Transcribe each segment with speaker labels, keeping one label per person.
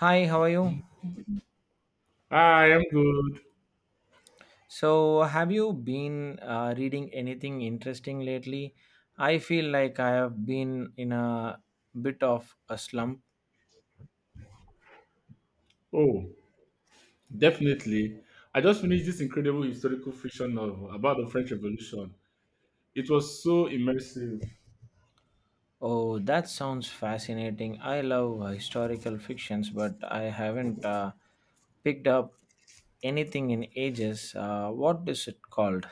Speaker 1: Hi, how are you?
Speaker 2: Hi, I'm good.
Speaker 1: So, have you been reading anything interesting lately? I feel like I have been in a bit of a slump.
Speaker 2: Oh, definitely. I just finished this incredible historical fiction novel about the French Revolution. It was so immersive.
Speaker 1: Oh, that sounds fascinating. I love historical fictions, but I haven't picked up anything in ages. What is it called?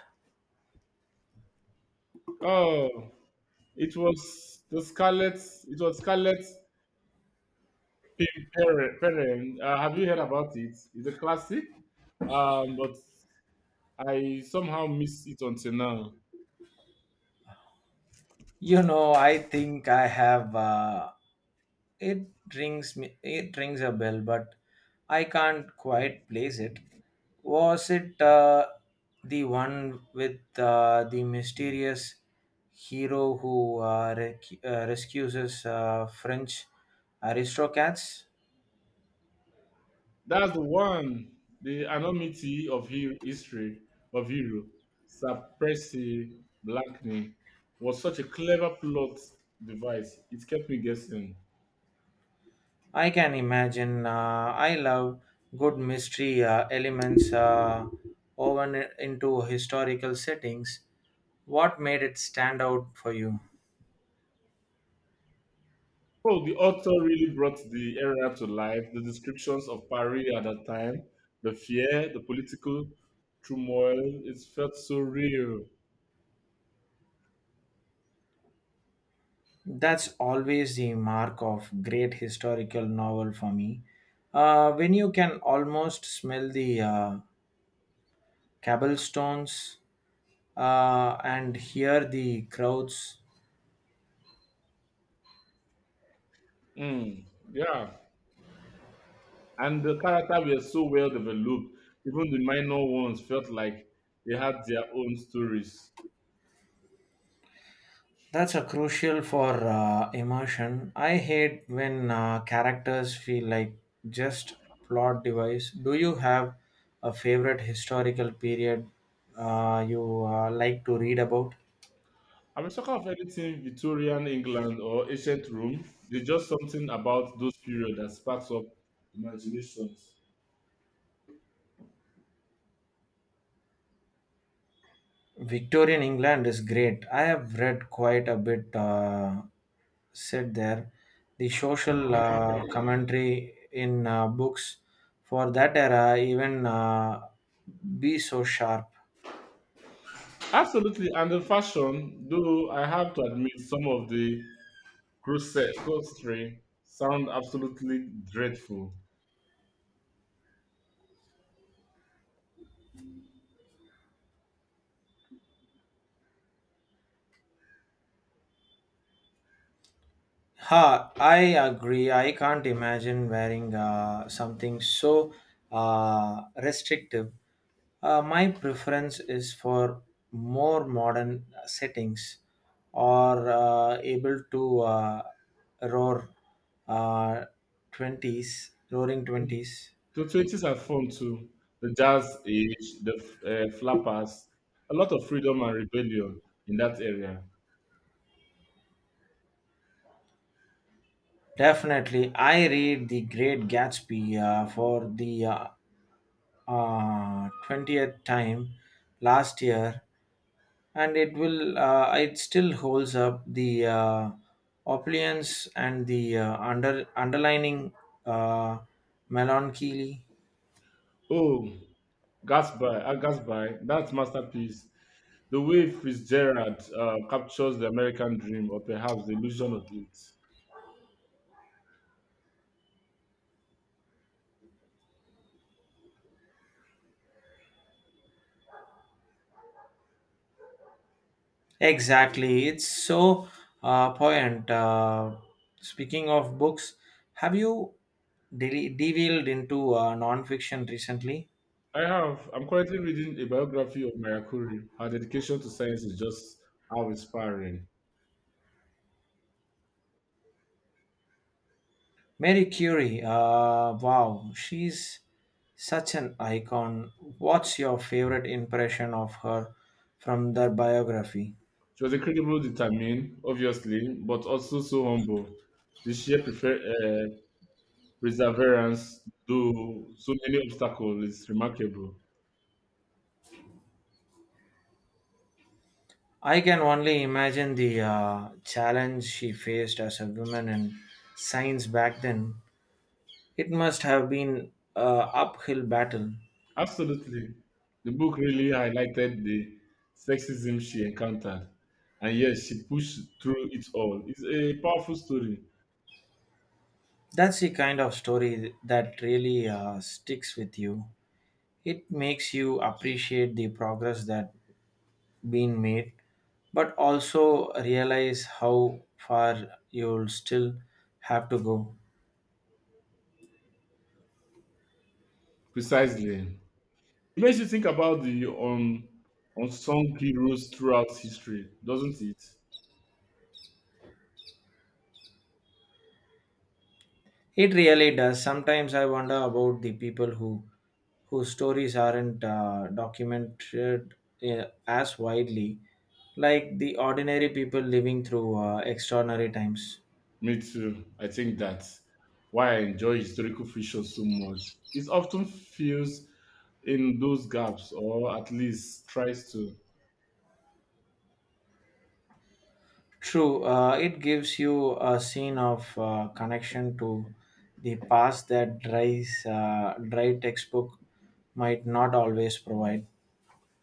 Speaker 2: Oh, it was the Scarlet. It was Scarlet Pimperen. Have you heard about it? It's a classic, but I somehow missed it until now.
Speaker 1: You know, I think I have. It rings me it rings a bell, but I can't quite place it. Was it the one with the mysterious hero who rescues French aristocrats?
Speaker 2: That's the one. The anonymity of hero, history of hero, Sir Percy Blackney, was such a clever plot device. It kept me guessing.
Speaker 1: I can imagine. I love good mystery elements woven into historical settings. What made it stand out for you?
Speaker 2: Oh, the author really brought the era to life. The descriptions of Paris at that time, the fear, the political turmoil, it felt so real.
Speaker 1: That's always the mark of great historical novel for me. When you can almost smell the cobblestones and hear the crowds,
Speaker 2: Mm, yeah. And the character were so well developed. Even the minor ones felt like they had their own stories.
Speaker 1: that's a crucial for immersion. I hate when characters feel like just plot device. Do you have a favorite historical period you like to read about?
Speaker 2: I'm a sucker of anything Victorian England or ancient Rome. There's just something about those periods that sparks up imaginations.
Speaker 1: Victorian England is great. I have read quite a bit said there. The social commentary in books for that era even be so sharp.
Speaker 2: Absolutely, and the fashion, though I have to admit some of the corset costuming sound absolutely dreadful.
Speaker 1: Ha, I agree. I can't imagine wearing something so restrictive. My preference is for more modern settings or able to roar uh, '20s, roaring '20s.
Speaker 2: The 20s are fun too. The jazz age, the flappers, a lot of freedom and rebellion in that area.
Speaker 1: Definitely, I read The Great Gatsby for the 20th time last year and it still holds up the opulence and the under underlining uh, melancholy.
Speaker 2: Oh, Gatsby, Gatsby, that masterpiece. The way Fitzgerald captures the American dream, or perhaps the illusion of it.
Speaker 1: Exactly, it's so poignant. Speaking of books, have you delved into non-fiction recently?
Speaker 2: I have. I'm currently reading a biography of Maria Curie. Her dedication to science is just how inspiring.
Speaker 1: Mary Curie, wow, she's such an icon. What's your favorite impression of her from the biography?
Speaker 2: She was incredibly determined, obviously, but also so humble. The sheer perseverance, though so many obstacles, is remarkable.
Speaker 1: I can only imagine the challenge she faced as a woman in science back then. It must have been an uphill battle.
Speaker 2: Absolutely. The book really highlighted the sexism she encountered, and yet she pushed through it all. It's a powerful story.
Speaker 1: That's the kind of story that really sticks with you. It makes you appreciate the progress that been made, but also realize how far you'll still have to go.
Speaker 2: Precisely. It makes you think about the unsung heroes throughout history, doesn't it?
Speaker 1: It really does. Sometimes I wonder about the people whose stories aren't documented as widely, like the ordinary people living through extraordinary times.
Speaker 2: Me too. I think that's why I enjoy historical fiction so much. It often fills in those gaps, or at least tries to.
Speaker 1: True, it gives you a scene of connection to the past that dry textbook might not always provide.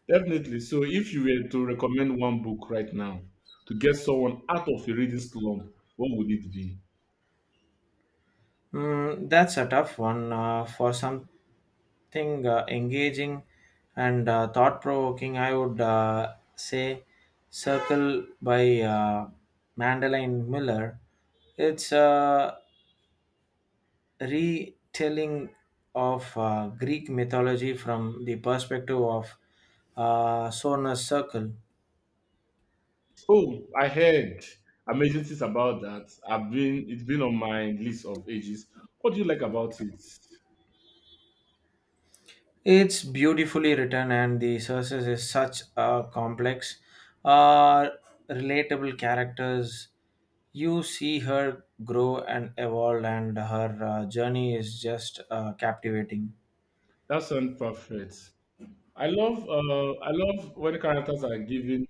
Speaker 2: Definitely. So, if you were to recommend one book right now to get someone out of a reading slump, what would it be?
Speaker 1: Mm, that's a tough one. For something engaging and thought provoking, I would say Circle by Mandelaine Miller. It's a retelling of Greek mythology from the perspective of Sona's circle.
Speaker 2: Oh, I heard amazing things about that. I've been it's been on my list of ages. What do you like about it?
Speaker 1: It's beautifully written, and the sources is such a complex, uh, relatable characters. You see her grow and evolve, and her journey is just captivating.
Speaker 2: That sounds perfect. I love when characters are given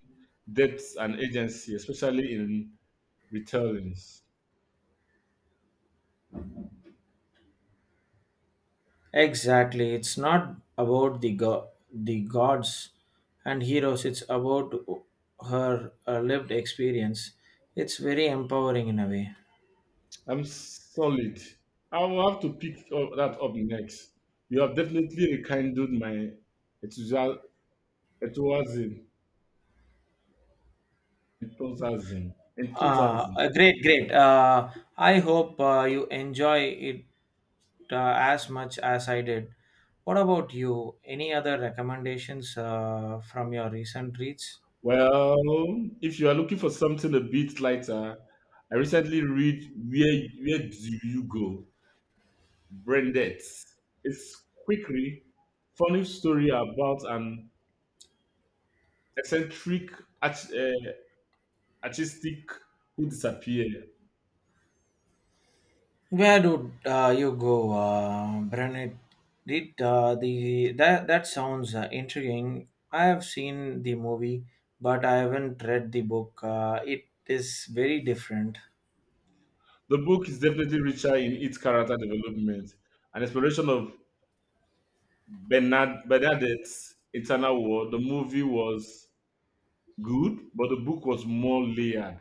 Speaker 2: depth and agency, especially in retellings.
Speaker 1: Exactly, it's not about the the gods and heroes. It's about her lived experience. It's very empowering in a way.
Speaker 2: I'm solid. I will have to pick up, that up next. You have definitely rekindled my enthusia- enthusiasm. Enthusiasm.
Speaker 1: Uh,
Speaker 2: Enthusiasm.
Speaker 1: uh, great, great. Uh, I hope you enjoy it as much as I did. What about you? Any other recommendations from your recent reads?
Speaker 2: Well, if you are looking for something a bit lighter, I recently read Where Do You Go? Branded? It's quickly funny story about an eccentric art, uh, artistic who disappeared.
Speaker 1: Where do you go, Brennan? Did the that that sounds intriguing. I have seen the movie, but I haven't read the book. It is very different.
Speaker 2: The book is definitely richer in its character development and exploration of Bernard Bernadette's internal world. The movie was good, but the book was more layered.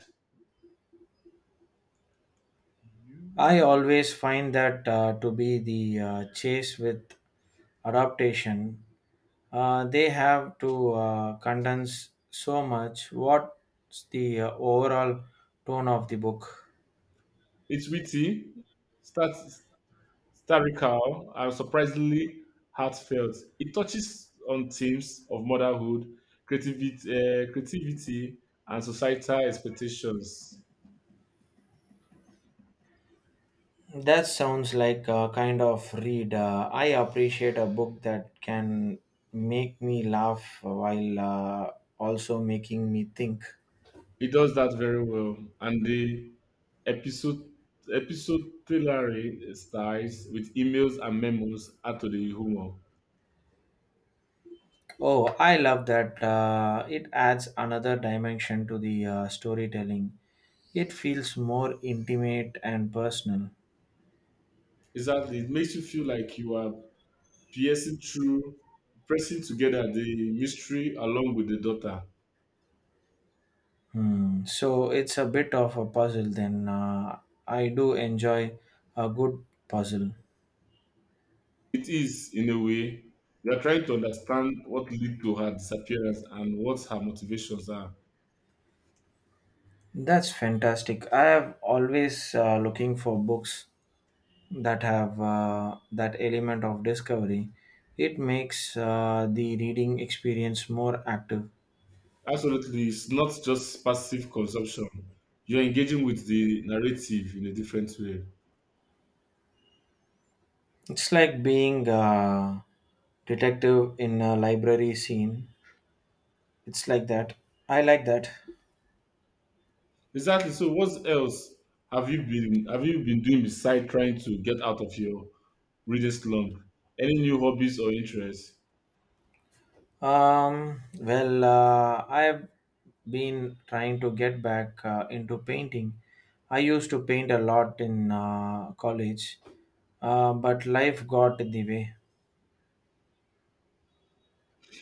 Speaker 1: I always find that to be the chase with adaptation. They have to condense so much. What's the overall tone of the book?
Speaker 2: It's witty, stat- satirical, and surprisingly heartfelt. It touches on themes of motherhood, creativity and societal expectations.
Speaker 1: That sounds like a kind of read. I appreciate a book that can make me laugh while also making me think.
Speaker 2: It does that very well, and the episode epistolary styles with emails and memos add to the humor.
Speaker 1: Oh, I love that. It adds another dimension to the storytelling. It feels more intimate and personal.
Speaker 2: Exactly, it makes you feel like you are piercing through, pressing together the mystery along with the daughter.
Speaker 1: Hmm. So it's a bit of a puzzle then. I do enjoy a good puzzle.
Speaker 2: It is, in a way, we are trying to understand what led to her disappearance and what her motivations are.
Speaker 1: That's fantastic. I have always looking for books that have that element of discovery. It makes the reading experience more active.
Speaker 2: Absolutely, it's not just passive consumption. You're engaging with the narrative in a different way.
Speaker 1: It's like being a detective in a library scene. It's like that. I like that.
Speaker 2: Exactly. So what else have you been doing beside trying to get out of your reading slump? Any new hobbies or interests?
Speaker 1: Well, I've been trying to get back into painting. I used to paint a lot in college, but life got in the way.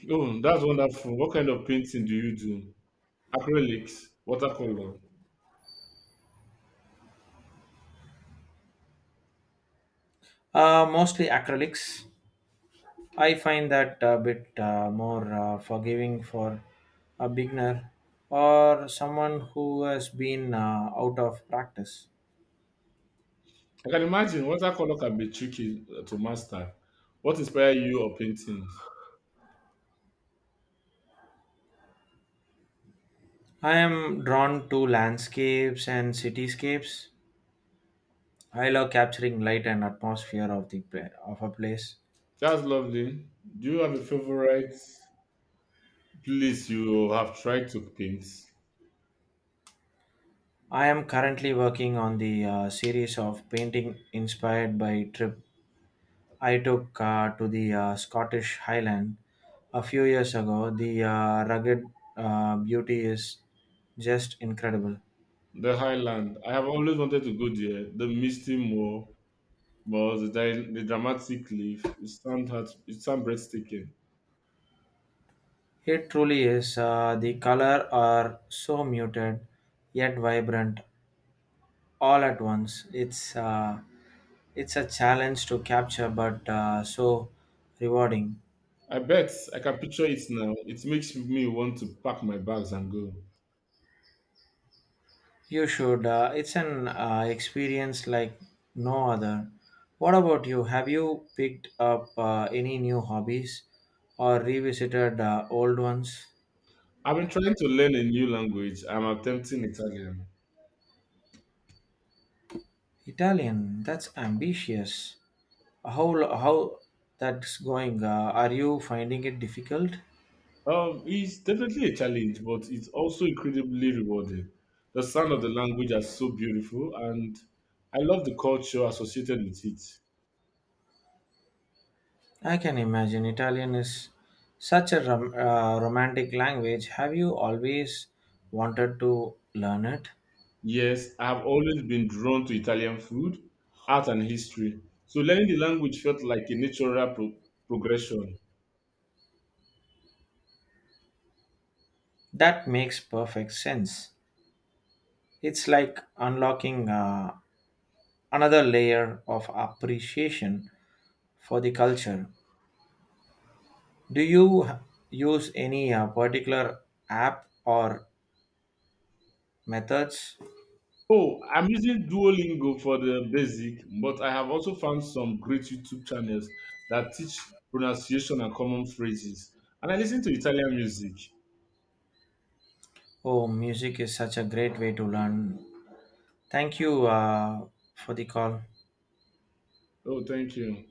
Speaker 2: Oh, that's wonderful. What kind of painting do you do? Acrylics, watercolor.
Speaker 1: Mostly acrylics. I find that a bit more forgiving for a beginner or someone who has been out of practice.
Speaker 2: I can imagine watercolor can be tricky to master. What inspired you of painting?
Speaker 1: I am drawn to landscapes and cityscapes. I love capturing light and atmosphere of the of a place.
Speaker 2: That's lovely. Do you have a favorite place you have tried to paint?
Speaker 1: I am currently working on the series of painting inspired by trip I took to the Scottish Highland a few years ago. The rugged beauty is just incredible.
Speaker 2: The Highland. I have always wanted to go there. The Misty Moor. But the dramatic leaf, it sound heart, it sound breathtaking.
Speaker 1: It truly is. The color are so muted yet vibrant all at once. It's a challenge to capture, but so rewarding.
Speaker 2: I bet I can picture it now. It makes me want to pack my bags and go.
Speaker 1: You should. It's an experience like no other. What about you? Have you picked up any new hobbies or revisited old ones?
Speaker 2: I've been trying to learn a new language. I'm attempting Italian.
Speaker 1: Italian. That's ambitious. How how that's going? Are you finding it difficult?
Speaker 2: It's definitely a challenge, but it's also incredibly rewarding. The sound of the language are so beautiful, and I love the culture associated with it.
Speaker 1: I can imagine Italian is such a romantic language. Have you always wanted to learn it?
Speaker 2: Yes, I have always been drawn to Italian food, art, and history. So learning the language felt like a natural progression.
Speaker 1: That makes perfect sense. It's like unlocking another layer of appreciation for the culture. Do you use any particular app or methods?
Speaker 2: Oh, I'm using Duolingo for the basic, but I have also found some great YouTube channels that teach pronunciation and common phrases. And I listen to Italian music.
Speaker 1: Oh, music is such a great way to learn. Thank you for the call.
Speaker 2: Oh, thank you.